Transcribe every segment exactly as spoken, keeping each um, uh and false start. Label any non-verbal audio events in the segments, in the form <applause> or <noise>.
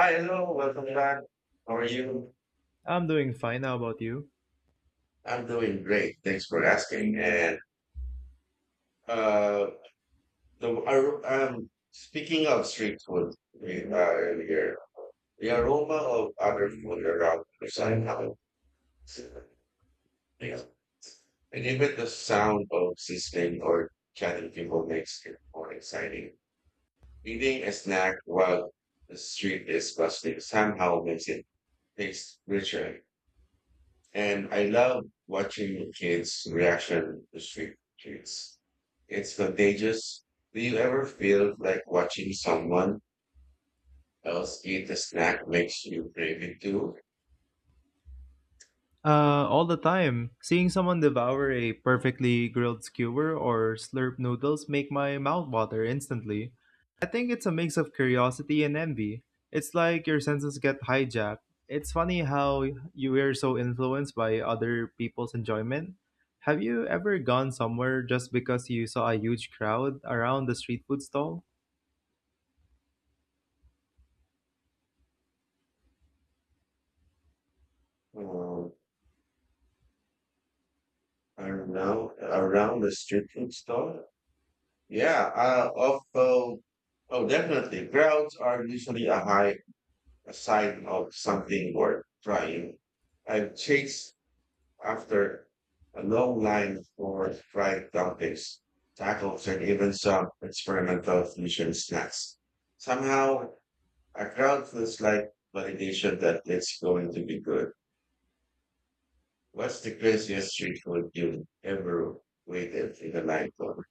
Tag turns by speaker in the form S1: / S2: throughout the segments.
S1: Hi, hello, welcome back. How are you?
S2: I'm doing fine. How about you?
S1: I'm doing great. Thanks for asking. And uh, the I, um, Speaking of street food we, uh, earlier, the aroma of other food around the somehow, you know, and even the sound of sizzling or chatting people makes it more exciting. Eating a snack while the street is bustling somehow makes it taste richer. And I love watching kids' reaction to street kids. It's contagious. Do you ever feel like watching someone else eat a snack makes you crave it too?
S2: Uh, all the time. Seeing someone devour a perfectly grilled skewer or slurp noodles make my mouth water instantly. I think it's a mix of curiosity and envy. It's like your senses get hijacked. It's funny how you are so influenced by other people's enjoyment. Have you ever gone somewhere just because you saw a huge crowd around the street food stall?
S1: Um, I don't know. Around the street food store? Yeah, uh, also, oh, definitely. Crowds are usually a high a sign of something worth trying. I've chased after a long line for fried dumplings, tacos, and even some experimental fusion snacks. Somehow, a crowd feels like validation that it's going to be good. What's the craziest street food you ever waited in a line for?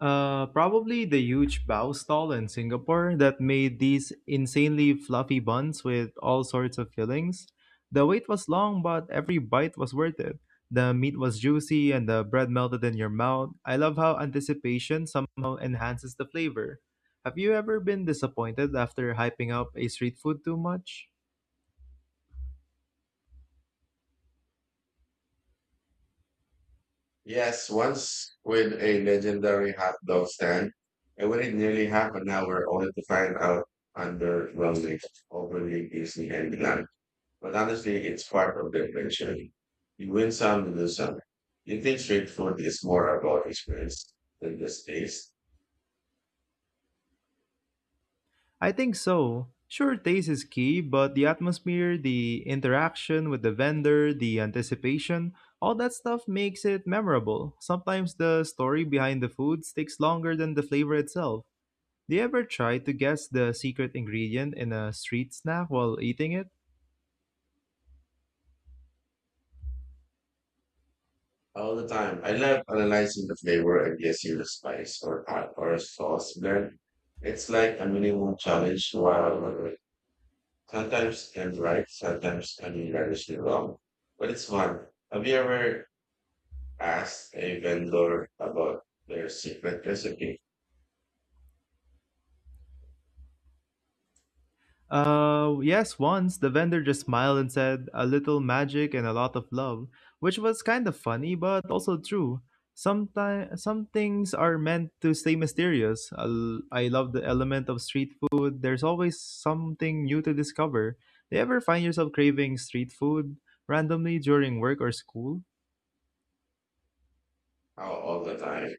S2: Uh, probably the huge bao stall in Singapore that made these insanely fluffy buns with all sorts of fillings. The wait was long, but every bite was worth it. The meat was juicy and the bread melted in your mouth. I love how anticipation somehow enhances the flavor. Have you ever been disappointed after hyping up a street food too much?
S1: Yes, once with a legendary hot dog stand, I waited nearly half an hour only to find out underwhelming, overly busy, and bland. But honestly, it's part of the adventure. You win some, you lose some. Eating street food is more about experience than the taste.
S2: I think so. Sure, taste is key, but the atmosphere, the interaction with the vendor, the anticipation, all that stuff makes it memorable. Sometimes the story behind the food sticks longer than the flavor itself. Do you ever try to guess the secret ingredient in a street snack while eating it?
S1: All the time, I love analyzing the flavor and guessing the spice or hot or sauce blend. It's like a minimum challenge while sometimes I'm right, sometimes I'm hilariously wrong. But it's fun. Have you ever asked a vendor about their secret recipe?
S2: Uh, yes, once the vendor just smiled and said, a little magic and a lot of love, which was kind of funny but also true. Sometimes some things are meant to stay mysterious. I l- I love the element of street food. There's always something new to discover. Do you ever find yourself craving street food randomly during work or school?
S1: Oh, all the time.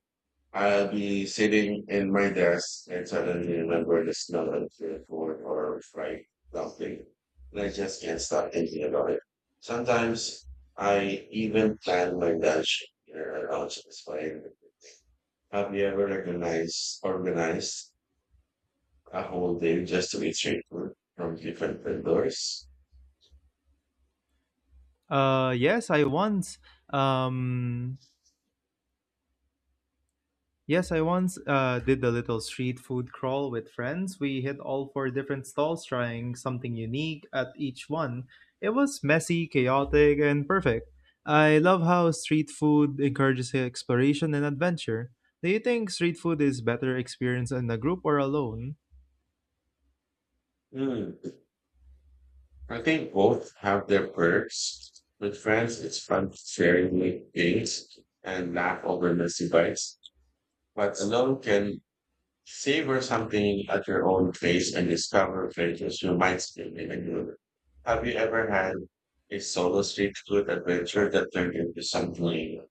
S1: I'll be sitting in my desk and suddenly remember the smell of the food or fried dumpling. And I just can't stop thinking about it. Sometimes I even plan my lunch here around satisfying. Have you ever recognized, organized a whole day just to eat street food from different vendors?
S2: Uh, yes, I once. Um, Yes, I once uh, did a little street food crawl with friends. We hit all four different stalls, trying something unique at each one. It was messy, chaotic, and perfect. I love how street food encourages exploration and adventure. Do you think street food is better experience in a group or alone?
S1: Hmm. I think both have their perks. With friends, it's fun sharing with things and laugh over messy bites, but alone can savor something at your own pace and discover flavors you might still be ignore. Have you ever had a solo street food adventure that turned into something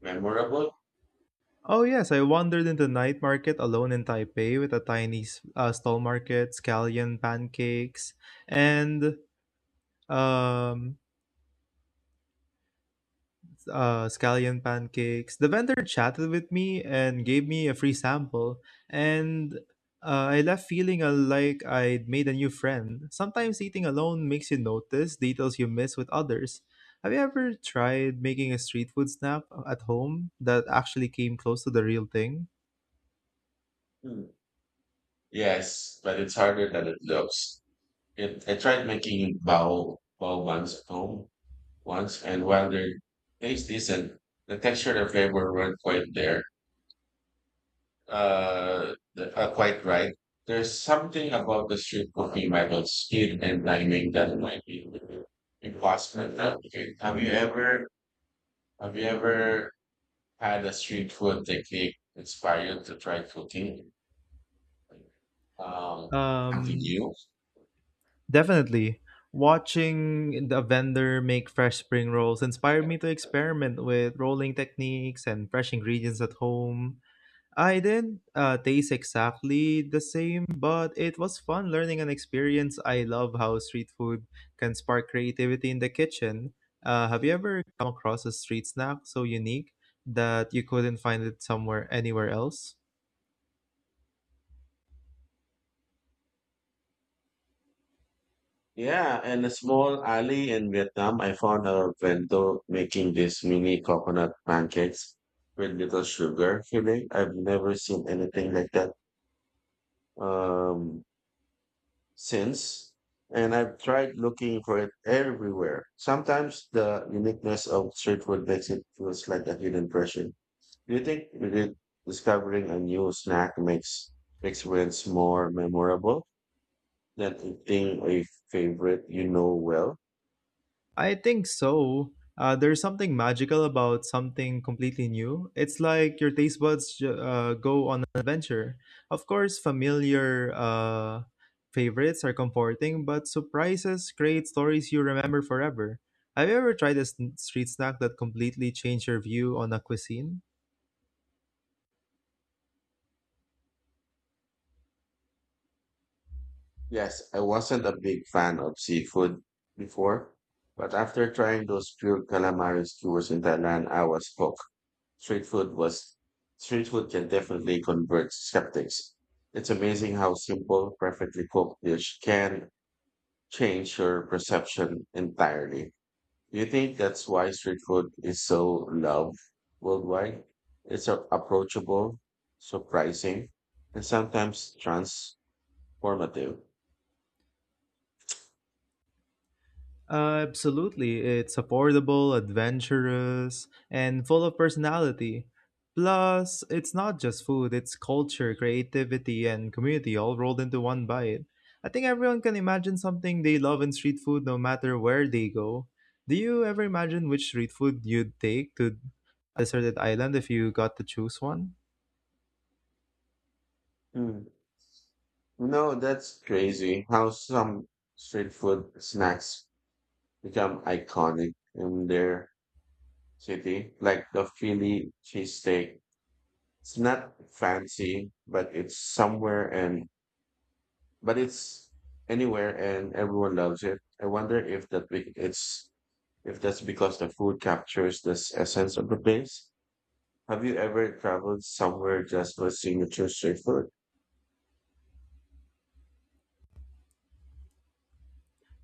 S1: memorable?
S2: Oh yes, I wandered into night market alone in Taipei with a tiny s- uh, stall market, scallion pancakes, and um, uh, scallion pancakes. The vendor chatted with me and gave me a free sample, and uh, I left feeling uh, like I'd made a new friend. Sometimes eating alone makes you notice details you miss with others. Have you ever tried making a street food snack at home that actually came close to the real thing?
S1: Hmm. Yes, but it's harder than it looks. It, I tried making bao bao buns at home once, and while they taste decent, the texture and flavor weren't quite there. uh, th- uh, quite right. There's something about the street cooking method, speed and timing that might be impossible to replicate. Have you ever have you ever had a street food technique inspired to try cooking um, something
S2: Um,
S1: new?
S2: definitely. Watching the vendor make fresh spring rolls inspired me to experiment with rolling techniques and fresh ingredients at home. I didn't uh, taste exactly the same, but it was fun learning an experience. I love how street food can spark creativity in the kitchen. Uh, have you ever come across a street snack so unique that you couldn't find it somewhere anywhere else?
S1: Yeah, in a small alley in Vietnam, I found a vendor making these mini coconut pancakes with little sugar filling. I've never seen anything like that. Um, since, and I've tried looking for it everywhere. Sometimes the uniqueness of street food makes it feels like a hidden treasure. Do you think re- discovering a new snack makes experience more memorable than eating a favorite you know well?
S2: I think so. Uh, there's something magical about something completely new. It's like your taste buds ju- uh, go on an adventure. Of course, familiar uh, favorites are comforting, but surprises create stories you remember forever. Have you ever tried a s- street snack that completely changed your view on a cuisine?
S1: Yes, I wasn't a big fan of seafood before, but after trying those pure calamari skewers in Thailand, I was hooked. Street food was Street food can definitely convert skeptics. It's amazing how simple, perfectly cooked dish can change your perception entirely. Do you think that's why street food is so loved worldwide? It's a- approachable, surprising, and sometimes transformative.
S2: Uh, absolutely. It's affordable, adventurous, and full of personality. Plus, it's not just food, it's culture, creativity, and community all rolled into one bite. I think everyone can imagine something they love in street food no matter where they go. Do you ever imagine which street food you'd take to a deserted island if you got to choose one?
S1: Hmm. No, that's crazy how some street food snacks become iconic in their city, like the Philly cheesesteak. It's not fancy, but it's somewhere and but it's anywhere and everyone loves it. I wonder if that be, it's if that's because the food captures the s- essence of the place. Have you ever traveled somewhere just for signature street food?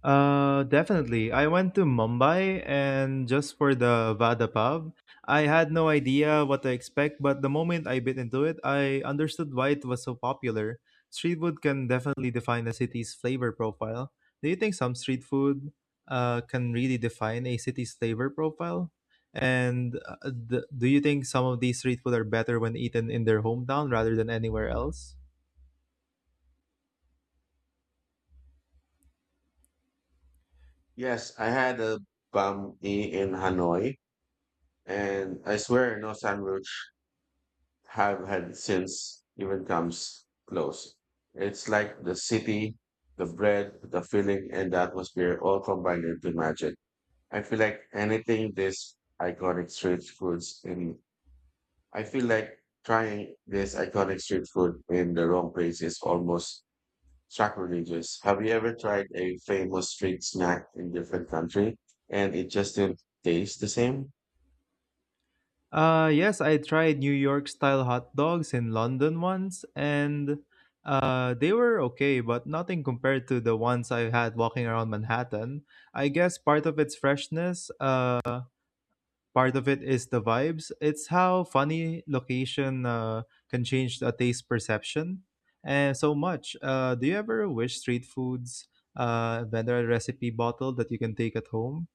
S2: Uh, definitely. I went to Mumbai and just for the Vada Pav. I had no idea what to expect, but the moment I bit into it, I understood why it was so popular. Street food can definitely define a city's flavor profile. Do you think some street food uh, can really define a city's flavor profile? And uh, d- do you think some of these street food are better when eaten in their hometown rather than anywhere else?
S1: Yes, I had a banh mi in Hanoi, and I swear no sandwich have had since even comes close. It's like the city, the bread, the feeling, and the atmosphere all combined into magic. I feel like anything this iconic street foods in, I feel like trying this iconic street food in the wrong place is almost sacrilegious. Have you ever tried a famous street snack in different country and it just didn't taste the same?
S2: Uh, yes, I tried New York style hot dogs in London once, and uh, they were okay, but nothing compared to the ones I had walking around Manhattan. I guess part of its freshness, uh, part of it is the vibes. It's how funny location uh, can change the taste perception and so much. Uh, do you ever wish street foods uh, vendor recipe bottle that you can take at home?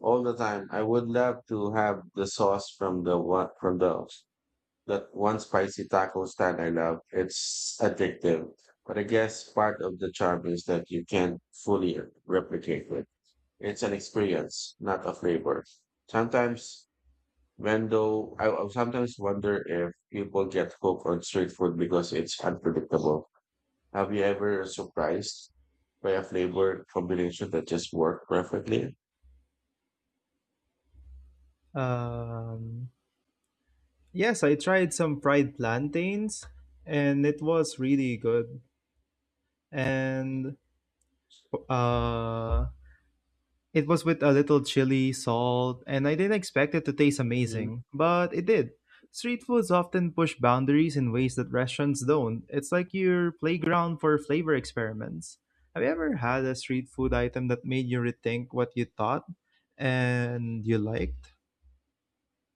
S1: All the time. I would love to have the sauce from the one from the that one spicy taco stand I love. It's addictive. But I guess part of the charm is that you can't fully replicate it. It's an experience, not a flavor. Sometimes when though I I sometimes wonder if people get hooked on street food because it's unpredictable. Have you ever surprised by a flavor combination that just worked perfectly?
S2: Um, Yes, I tried some fried plantains and it was really good. And uh it was with a little chili, salt, and I didn't expect it to taste amazing, but it did. Street foods often push boundaries in ways that restaurants don't. It's like your playground for flavor experiments. Have you ever had a street food item that made you rethink what you thought and you liked?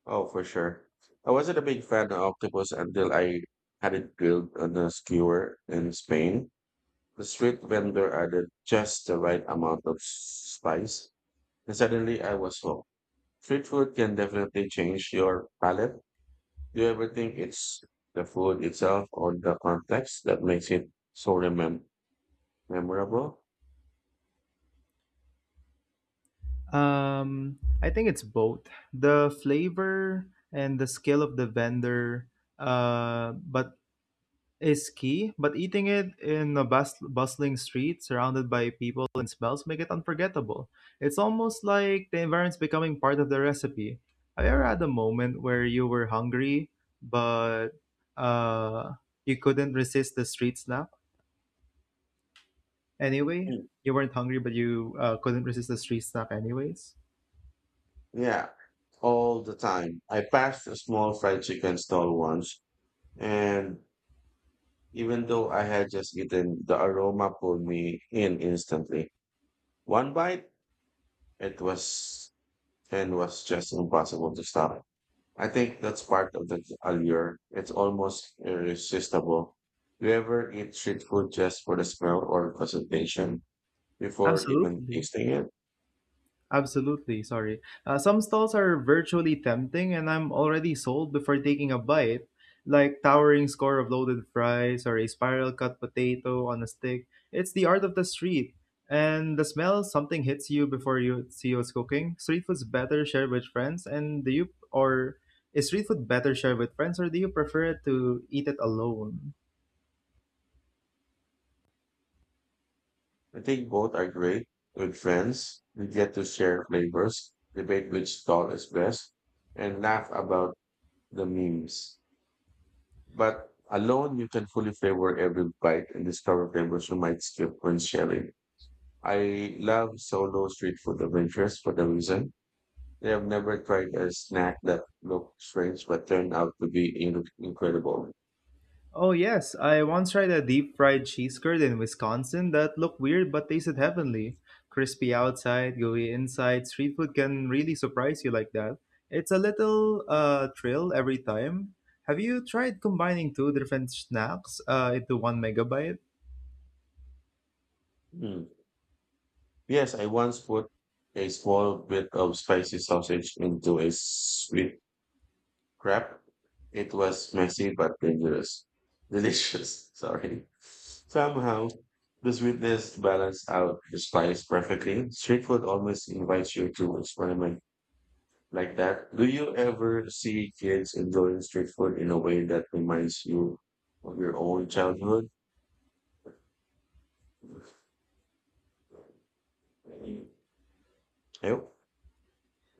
S1: Oh, for sure. I wasn't a big fan of octopus until I had it grilled on a skewer in Spain. The street vendor added just the right amount of spice, and suddenly I was hooked. Street food can definitely change your palate. Do you ever think it's the food itself or the context that makes it so remem- memorable?
S2: Um, I think it's both the flavor and the skill of the vendor, uh, but is key. But eating it in a bus- bustling street surrounded by people and smells make it unforgettable. It's almost like the environment's becoming part of the recipe. Have you ever had a moment where you were hungry but uh, you couldn't resist the street snack anyway?
S1: Mm.
S2: You weren't hungry, but you uh, couldn't resist the street snack anyways.
S1: Yeah, all the time. I passed a small fried chicken stall once, and even though I had just eaten, the aroma pulled me in instantly. One bite, it was and was just impossible to stop. I think that's part of the allure. It's almost irresistible. Do you ever eat street food just for the smell or presentation before even
S2: Absolutely.
S1: tasting it?
S2: Absolutely, sorry. Uh, some stalls are virtually tempting, and I'm already sold before taking a bite, like towering score of loaded fries or a spiral cut potato on a stick. It's the art of the street. And the smell, something hits you before you see what's cooking. Street food's better shared with friends, and do you or is street food better shared with friends, or do you prefer to eat it alone?
S1: I think both are great. With friends, we get to share flavors, debate which stall is best, and laugh about the memes. But alone, you can fully flavor every bite and discover flavors you might skip when sharing. I love solo street food adventures for the reason I have never tried a snack that looked strange but turned out to be in- incredible.
S2: Oh, yes. I once tried a deep fried cheese curd in Wisconsin that looked weird but tasted heavenly. Crispy outside, gooey inside. Street food can really surprise you like that. It's a little uh, thrill every time. Have you tried combining two different snacks uh, into one megabyte?
S1: Mm. Yes, I once put a small bit of spicy sausage into a sweet crap. It was messy but dangerous. Delicious, <laughs> sorry. Somehow, the sweetness balanced out the spice perfectly. Street food almost invites you to experiment like that. Do you ever see kids enjoying street food in a way that reminds you of your own childhood? Yep.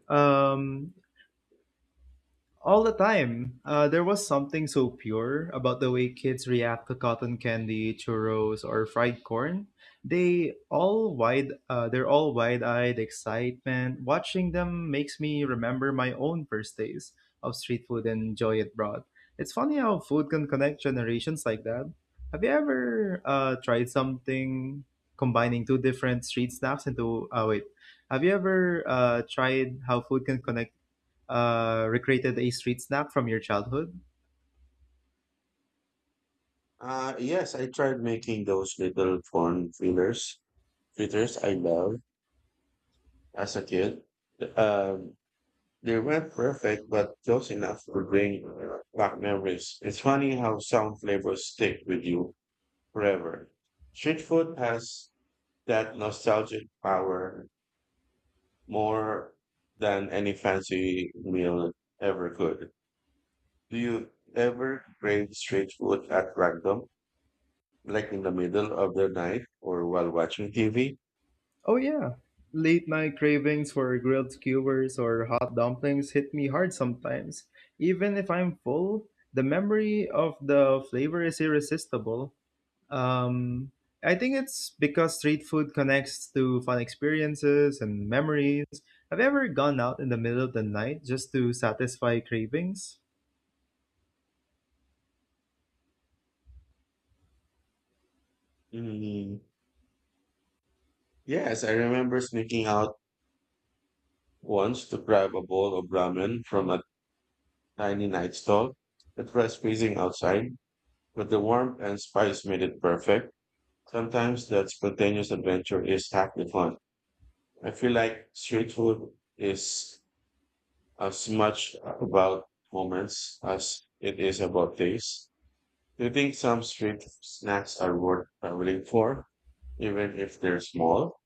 S2: Um, All the time. Uh, there was something so pure about the way kids react to cotton candy, churros, or fried corn. They all wide, uh, they're all wide-eyed excitement. Watching them makes me remember my own first days of street food and joy it brought. It's funny how food can connect generations like that. Have you ever uh, tried something combining two different street snacks into? Oh wait, have you ever uh, tried how food can connect uh, recreated a street snack from your childhood?
S1: Uh, yes, I tried making those little corn fillers, fritters I love as a kid. Um, They weren't perfect, but close enough to bring back memories. It's funny how some flavors stick with you forever. Street food has that nostalgic power more than any fancy meal ever could. Do you ever crave street food at random, like in the middle of the night or while watching T V?
S2: Oh, yeah. Late night cravings for grilled skewers or hot dumplings hit me hard sometimes. Even if I'm full, the memory of the flavor is irresistible. Um, I think it's because street food connects to fun experiences and memories. Have you ever gone out in the middle of the night just to satisfy cravings?
S1: Mm, yes, I remember sneaking out once to grab a bowl of ramen from a tiny night stall. It was freezing outside, but the warmth and spice made it perfect. Sometimes that spontaneous adventure is half the fun. I feel like street food is as much about moments as it is about taste. Do you think some street snacks are worth traveling for, even if they're small?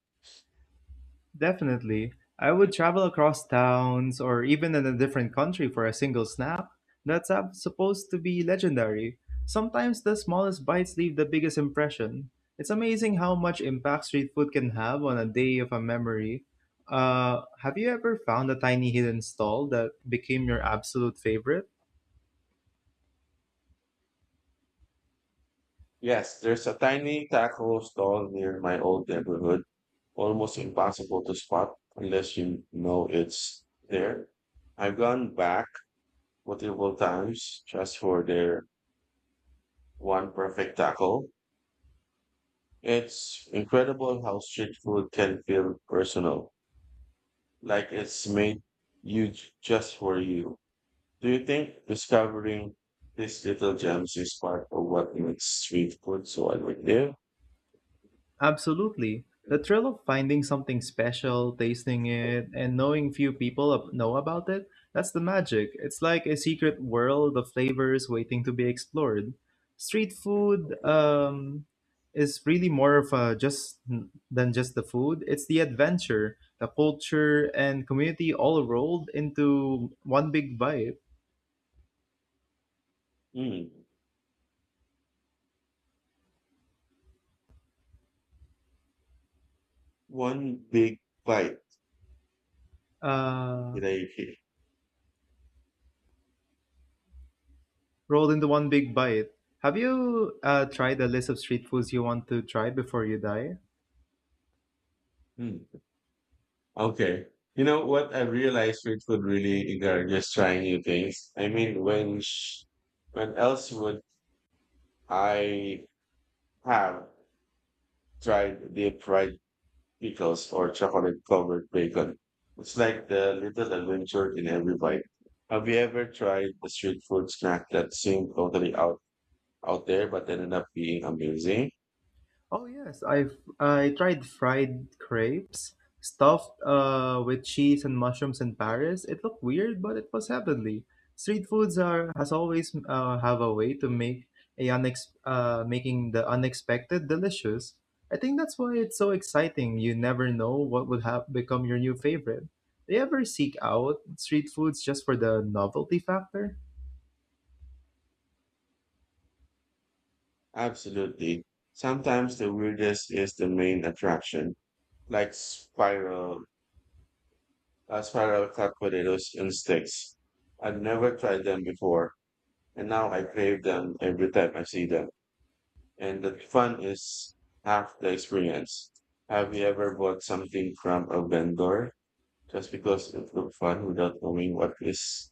S2: Definitely. I would travel across towns or even in a different country for a single snap. That's up- supposed to be legendary. Sometimes the smallest bites leave the biggest impression. It's amazing how much impact street food can have on a day of a memory. Uh, have you ever found a tiny hidden stall that became your absolute favorite?
S1: Yes, there's a tiny taco stall near my old neighborhood, almost impossible to spot unless you know it's there. I've gone back multiple times just for their one perfect taco. It's incredible how street food can feel personal, like it's made you j- just for you. Do you think discovering these little gems is part of what makes street food so addictive?
S2: Absolutely. The thrill of finding something special, tasting it, and knowing few people ab- know about it, that's the magic. It's like a secret world of flavors waiting to be explored. Street food um, is really more of a just than just the food. It's the adventure, the culture, and community all rolled into one big bite.
S1: Mm. One big bite
S2: Uh,
S1: did I.
S2: rolled into one big bite. Have you uh, tried a list of street foods you want to try before you die?
S1: Hmm. Okay. You know what? I realized street food really encourages trying new things. I mean, when sh- when else would I have tried deep fried pickles or chocolate covered bacon? It's like the little adventure in every bite. Have you ever tried a street food snack that seemed totally out out there but ended up being amazing?
S2: Oh yes, I've I tried fried crepes stuffed uh with cheese and mushrooms in Paris. It looked weird, but it was heavenly. Street foods are has always uh, have a way to make a unex- uh, making the unexpected delicious. I think that's why it's so exciting. You never know what would have become your new favorite. Do you ever seek out street foods just for the novelty factor?
S1: Absolutely. Sometimes the weirdest is the main attraction, like spiral, uh, spiral cut potatoes calculators instex. I've never tried them before, and now I crave them every time I see them. And the fun is half the experience. Have you ever bought something from a vendor just because it looked fun without knowing what is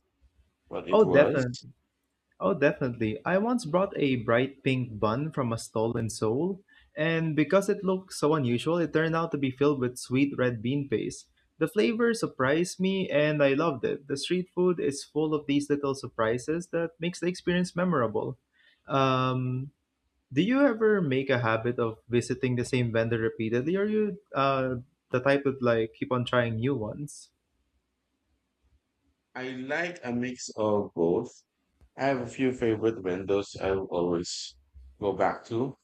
S1: what it
S2: Oh,
S1: was?
S2: definitely. Oh, definitely. I once brought a bright pink bun from a stall in Seoul, and because it looked so unusual, it turned out to be filled with sweet red bean paste. The flavor surprised me, and I loved it. The street food is full of these little surprises that makes the experience memorable. Um, do you ever make a habit of visiting the same vendor repeatedly, or you uh, the type that like keep on trying new ones?
S1: I like a mix of both. I have a few favorite vendors I will always go back to,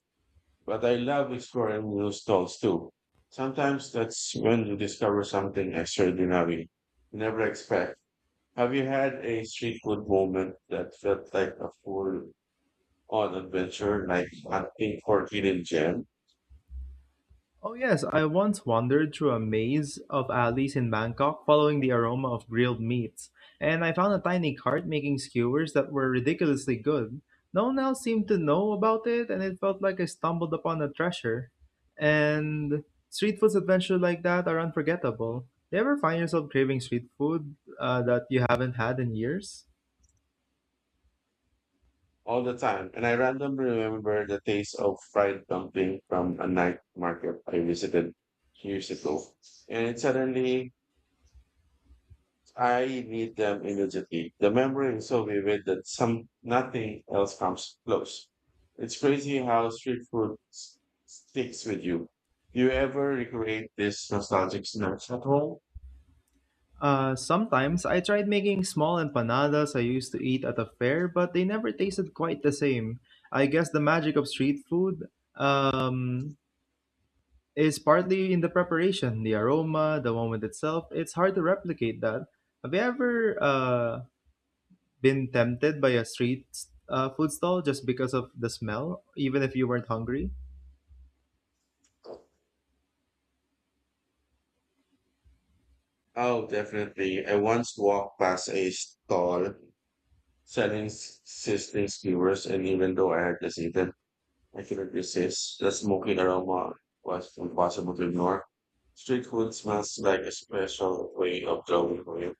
S1: but I love exploring new stalls too. Sometimes that's when you discover something extraordinary you never expect. Have you had a street food moment that felt like a full on adventure, like hunting for hidden gem
S2: Oh, yes, I once wandered through a maze of alleys in Bangkok following the aroma of grilled meats, and I found a tiny cart making skewers that were ridiculously good. No one else seemed to know about it, and it felt like I stumbled upon a treasure. And street foods adventures like that are unforgettable. Do you ever find yourself craving street food uh, that you haven't had in years?
S1: all the time? And I randomly remember the taste of fried dumpling from a night market I visited years ago. And it suddenly I need them immediately. The memory is so vivid that some nothing else comes close. It's crazy how street food s- sticks with you. Do you ever recreate this nostalgic snacks at home?
S2: Uh, sometimes I tried making small empanadas I used to eat at a fair, but they never tasted quite the same. I guess the magic of street food um, is partly in the preparation, the aroma, the moment itself. It's hard to replicate that. Have you ever uh, been tempted by a street uh, food stall just because of the smell, even if you weren't hungry?
S1: Oh, definitely. I once walked past a stall selling s- sizzling skewers, and even though I had just eaten, I couldn't resist. The smoky aroma was impossible to ignore. Street food smells like a special way of glowing for you.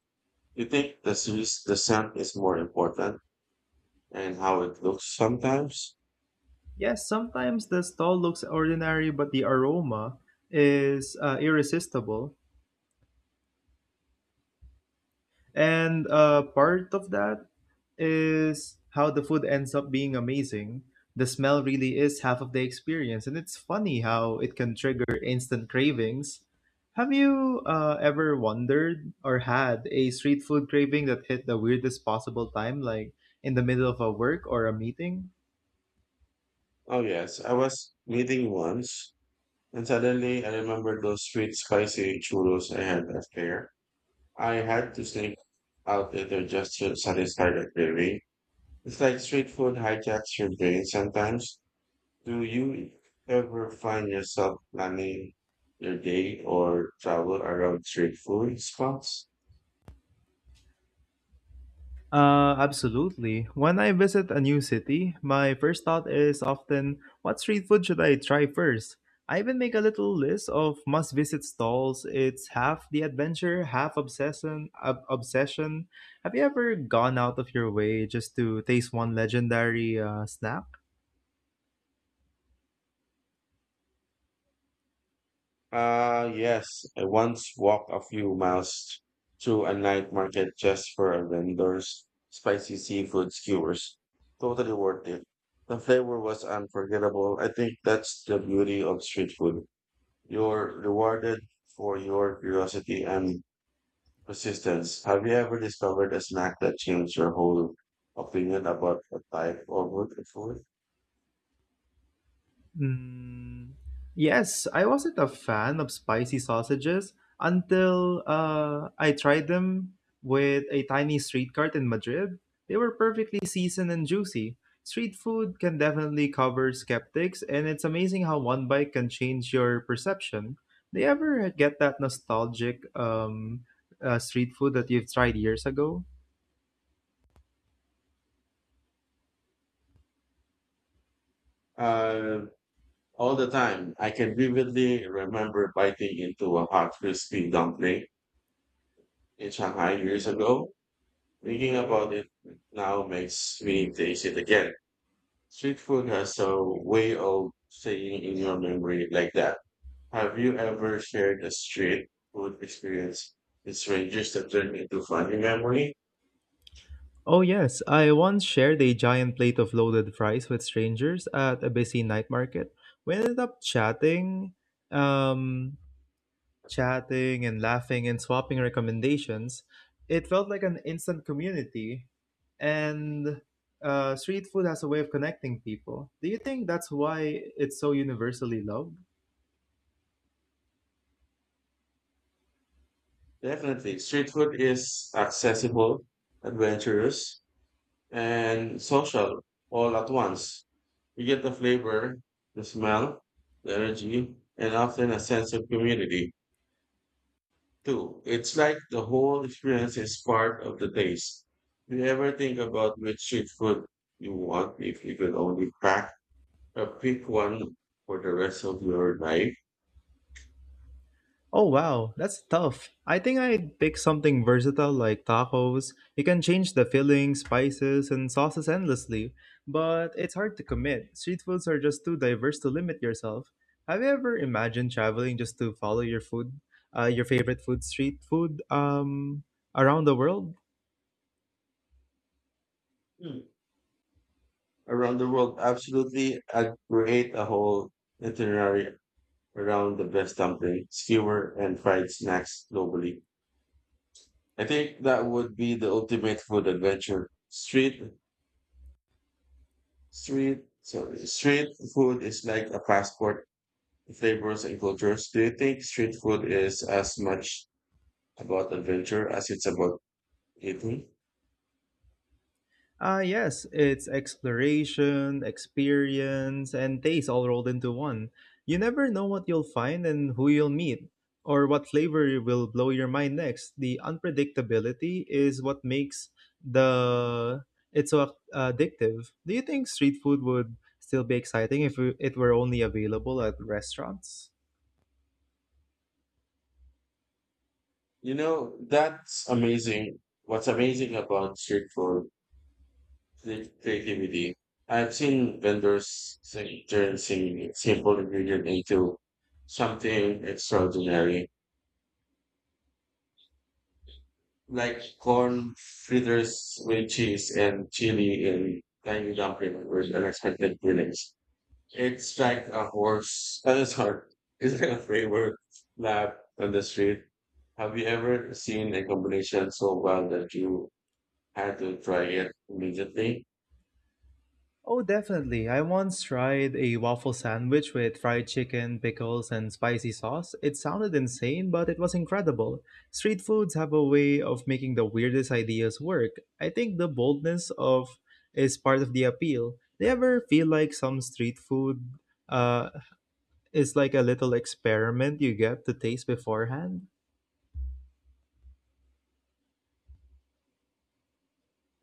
S1: You think the s- the scent is more important and how it looks sometimes?
S2: Yes, sometimes the stall looks ordinary, but the aroma is uh, irresistible. And uh, part of that is how the food ends up being amazing. The smell really is half of the experience, and it's funny how it can trigger instant cravings. Have you uh, ever wondered or had a street food craving that hit the weirdest possible time, like in the middle of a work or a meeting?
S1: Oh yes, I was meeting once and suddenly I remembered those sweet spicy churros I had left there. I had to sneak out later just to satisfy the craving. It's like street food hijacks your brain sometimes. Do you ever find yourself planning your day or travel around street food spots?
S2: Uh, absolutely. When I visit a new city, my first thought is often, what street food should I try first? I even make a little list of must visit stalls. It's half the adventure, half obsession. ob- obsession. Have you ever gone out of your way just to taste one legendary uh, snack?
S1: Uh, yes, I once walked a few miles to a night market just for a vendor's spicy seafood skewers. Totally worth it. The flavor was unforgettable. I think that's the beauty of street food. You're rewarded for your curiosity and persistence. Have you ever discovered a snack that changed your whole opinion about a type of good food?
S2: Mm, yes, I wasn't a fan of spicy sausages until uh, I tried them with a tiny street cart in Madrid. They were perfectly seasoned and juicy. Street food can definitely cover skeptics, and it's amazing how one bite can change your perception. Do you ever get that nostalgic um, uh, street food that you've tried years ago?
S1: Uh, all the time. I can vividly remember biting into a hot crispy dumpling in Shanghai years ago. Thinking about it now makes me taste it again. Street food has a way of staying in your memory like that. Have you ever shared a street food experience with strangers that turned into funny memory?
S2: Oh, yes. I once shared a giant plate of loaded fries with strangers at a busy night market. We ended up chatting, um, chatting and laughing and swapping recommendations. It felt like an instant community, and uh, street food has a way of connecting people. Do you think that's why it's so universally loved?
S1: Definitely. Street food is accessible, adventurous, and social all at once. You get the flavor, the smell, the energy, and often a sense of community too. It's like the whole experience is part of the taste. Do you ever think about which street food you want if you could only crack a pick one for the rest of your life?
S2: Oh wow, that's tough. I think I'd pick something versatile like tacos. You can change the fillings, spices, and sauces endlessly, but it's hard to commit. Street foods are just too diverse to limit yourself. Have you ever imagined traveling just to follow your food, uh, your favorite food, street food, um, around the world?
S1: Hmm. Around the world, absolutely. I'd create a whole itinerary around the best dumpling, skewer, and fried snacks globally. I think that would be the ultimate food adventure. Street, street, sorry, street food is like a passport to flavors and cultures. Do you think street food is as much about adventure as it's about eating?
S2: Ah yes, it's exploration, experience, and taste all rolled into one. You never know what you'll find and who you'll meet, or what flavor will blow your mind next. The unpredictability is what makes the it so addictive. Do you think street food would still be exciting if it were only available at restaurants?
S1: You know, that's amazing. What's amazing about street food is creativity. I've seen vendors sing- turn sing- simple ingredient into something extraordinary, like corn fritters with cheese and chili in tiny dumpling with unexpected fillings. It's like a horse. Uh, <laughs> sorry, it's like a flavor lab on the street. Have you ever seen a combination so well that you had to try it immediately?
S2: Oh, definitely. I once tried a waffle sandwich with fried chicken, pickles, and spicy sauce. It sounded insane, but it was incredible. Street foods have a way of making the weirdest ideas work. I think the boldness of is part of the appeal. Do you ever feel like some street food uh, is like a little experiment you get to taste beforehand?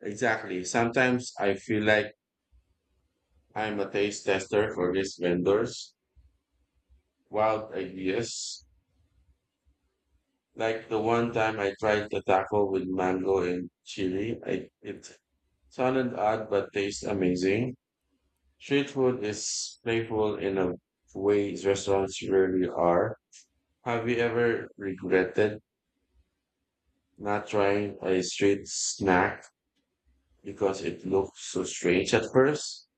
S1: Exactly. Sometimes I feel like I'm a taste tester for these vendors. Wild ideas. Like the one time I tried the taco with mango and chili, I, it silent art but tastes amazing. Street food is playful in a way restaurants rarely are. Have you ever regretted not trying a street snack because it looked so strange at first?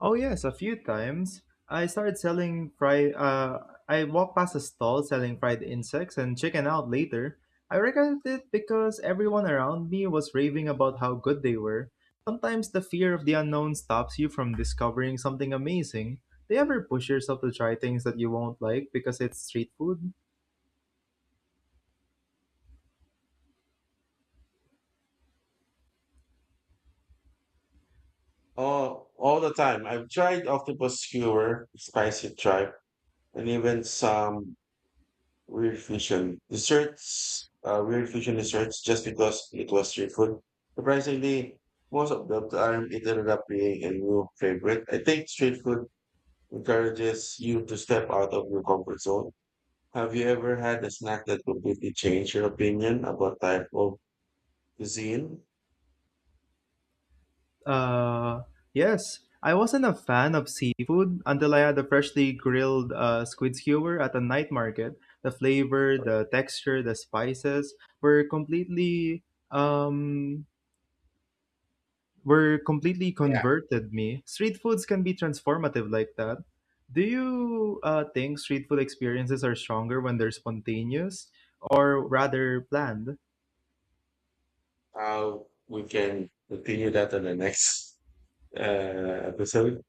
S2: Oh yes, a few times. I started selling fried. Uh, I walked past a stall selling fried insects and chicken out later. I regretted it because everyone around me was raving about how good they were. Sometimes the fear of the unknown stops you from discovering something amazing. Do you ever push yourself to try things that you won't like because it's street food?
S1: Oh, all the time. I've tried octopus skewer, spicy tripe, and even some Weird fusion desserts. Uh, weird fusion desserts just because it was street food. Surprisingly, most of the time it ended up being a new favorite. I think street food encourages you to step out of your comfort zone. Have you ever had a snack that completely changed your opinion about type of cuisine?
S2: Uh, yes, I wasn't a fan of seafood until I had a freshly grilled uh, squid skewer at a night market. The flavor, the texture, the spices were completely um were completely
S1: Yeah.
S2: converted me. Street foods can be transformative like that. Do you uh, think street food experiences are stronger when they're spontaneous or rather planned?
S1: How we can continue that on the next uh, episode.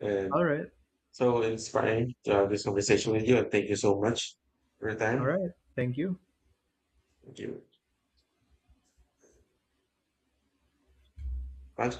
S1: And
S2: All right,
S1: so inspiring to have this conversation with you. And thank you so much for your
S2: all
S1: time.
S2: right. Thank you.
S1: Thank you. Thanks,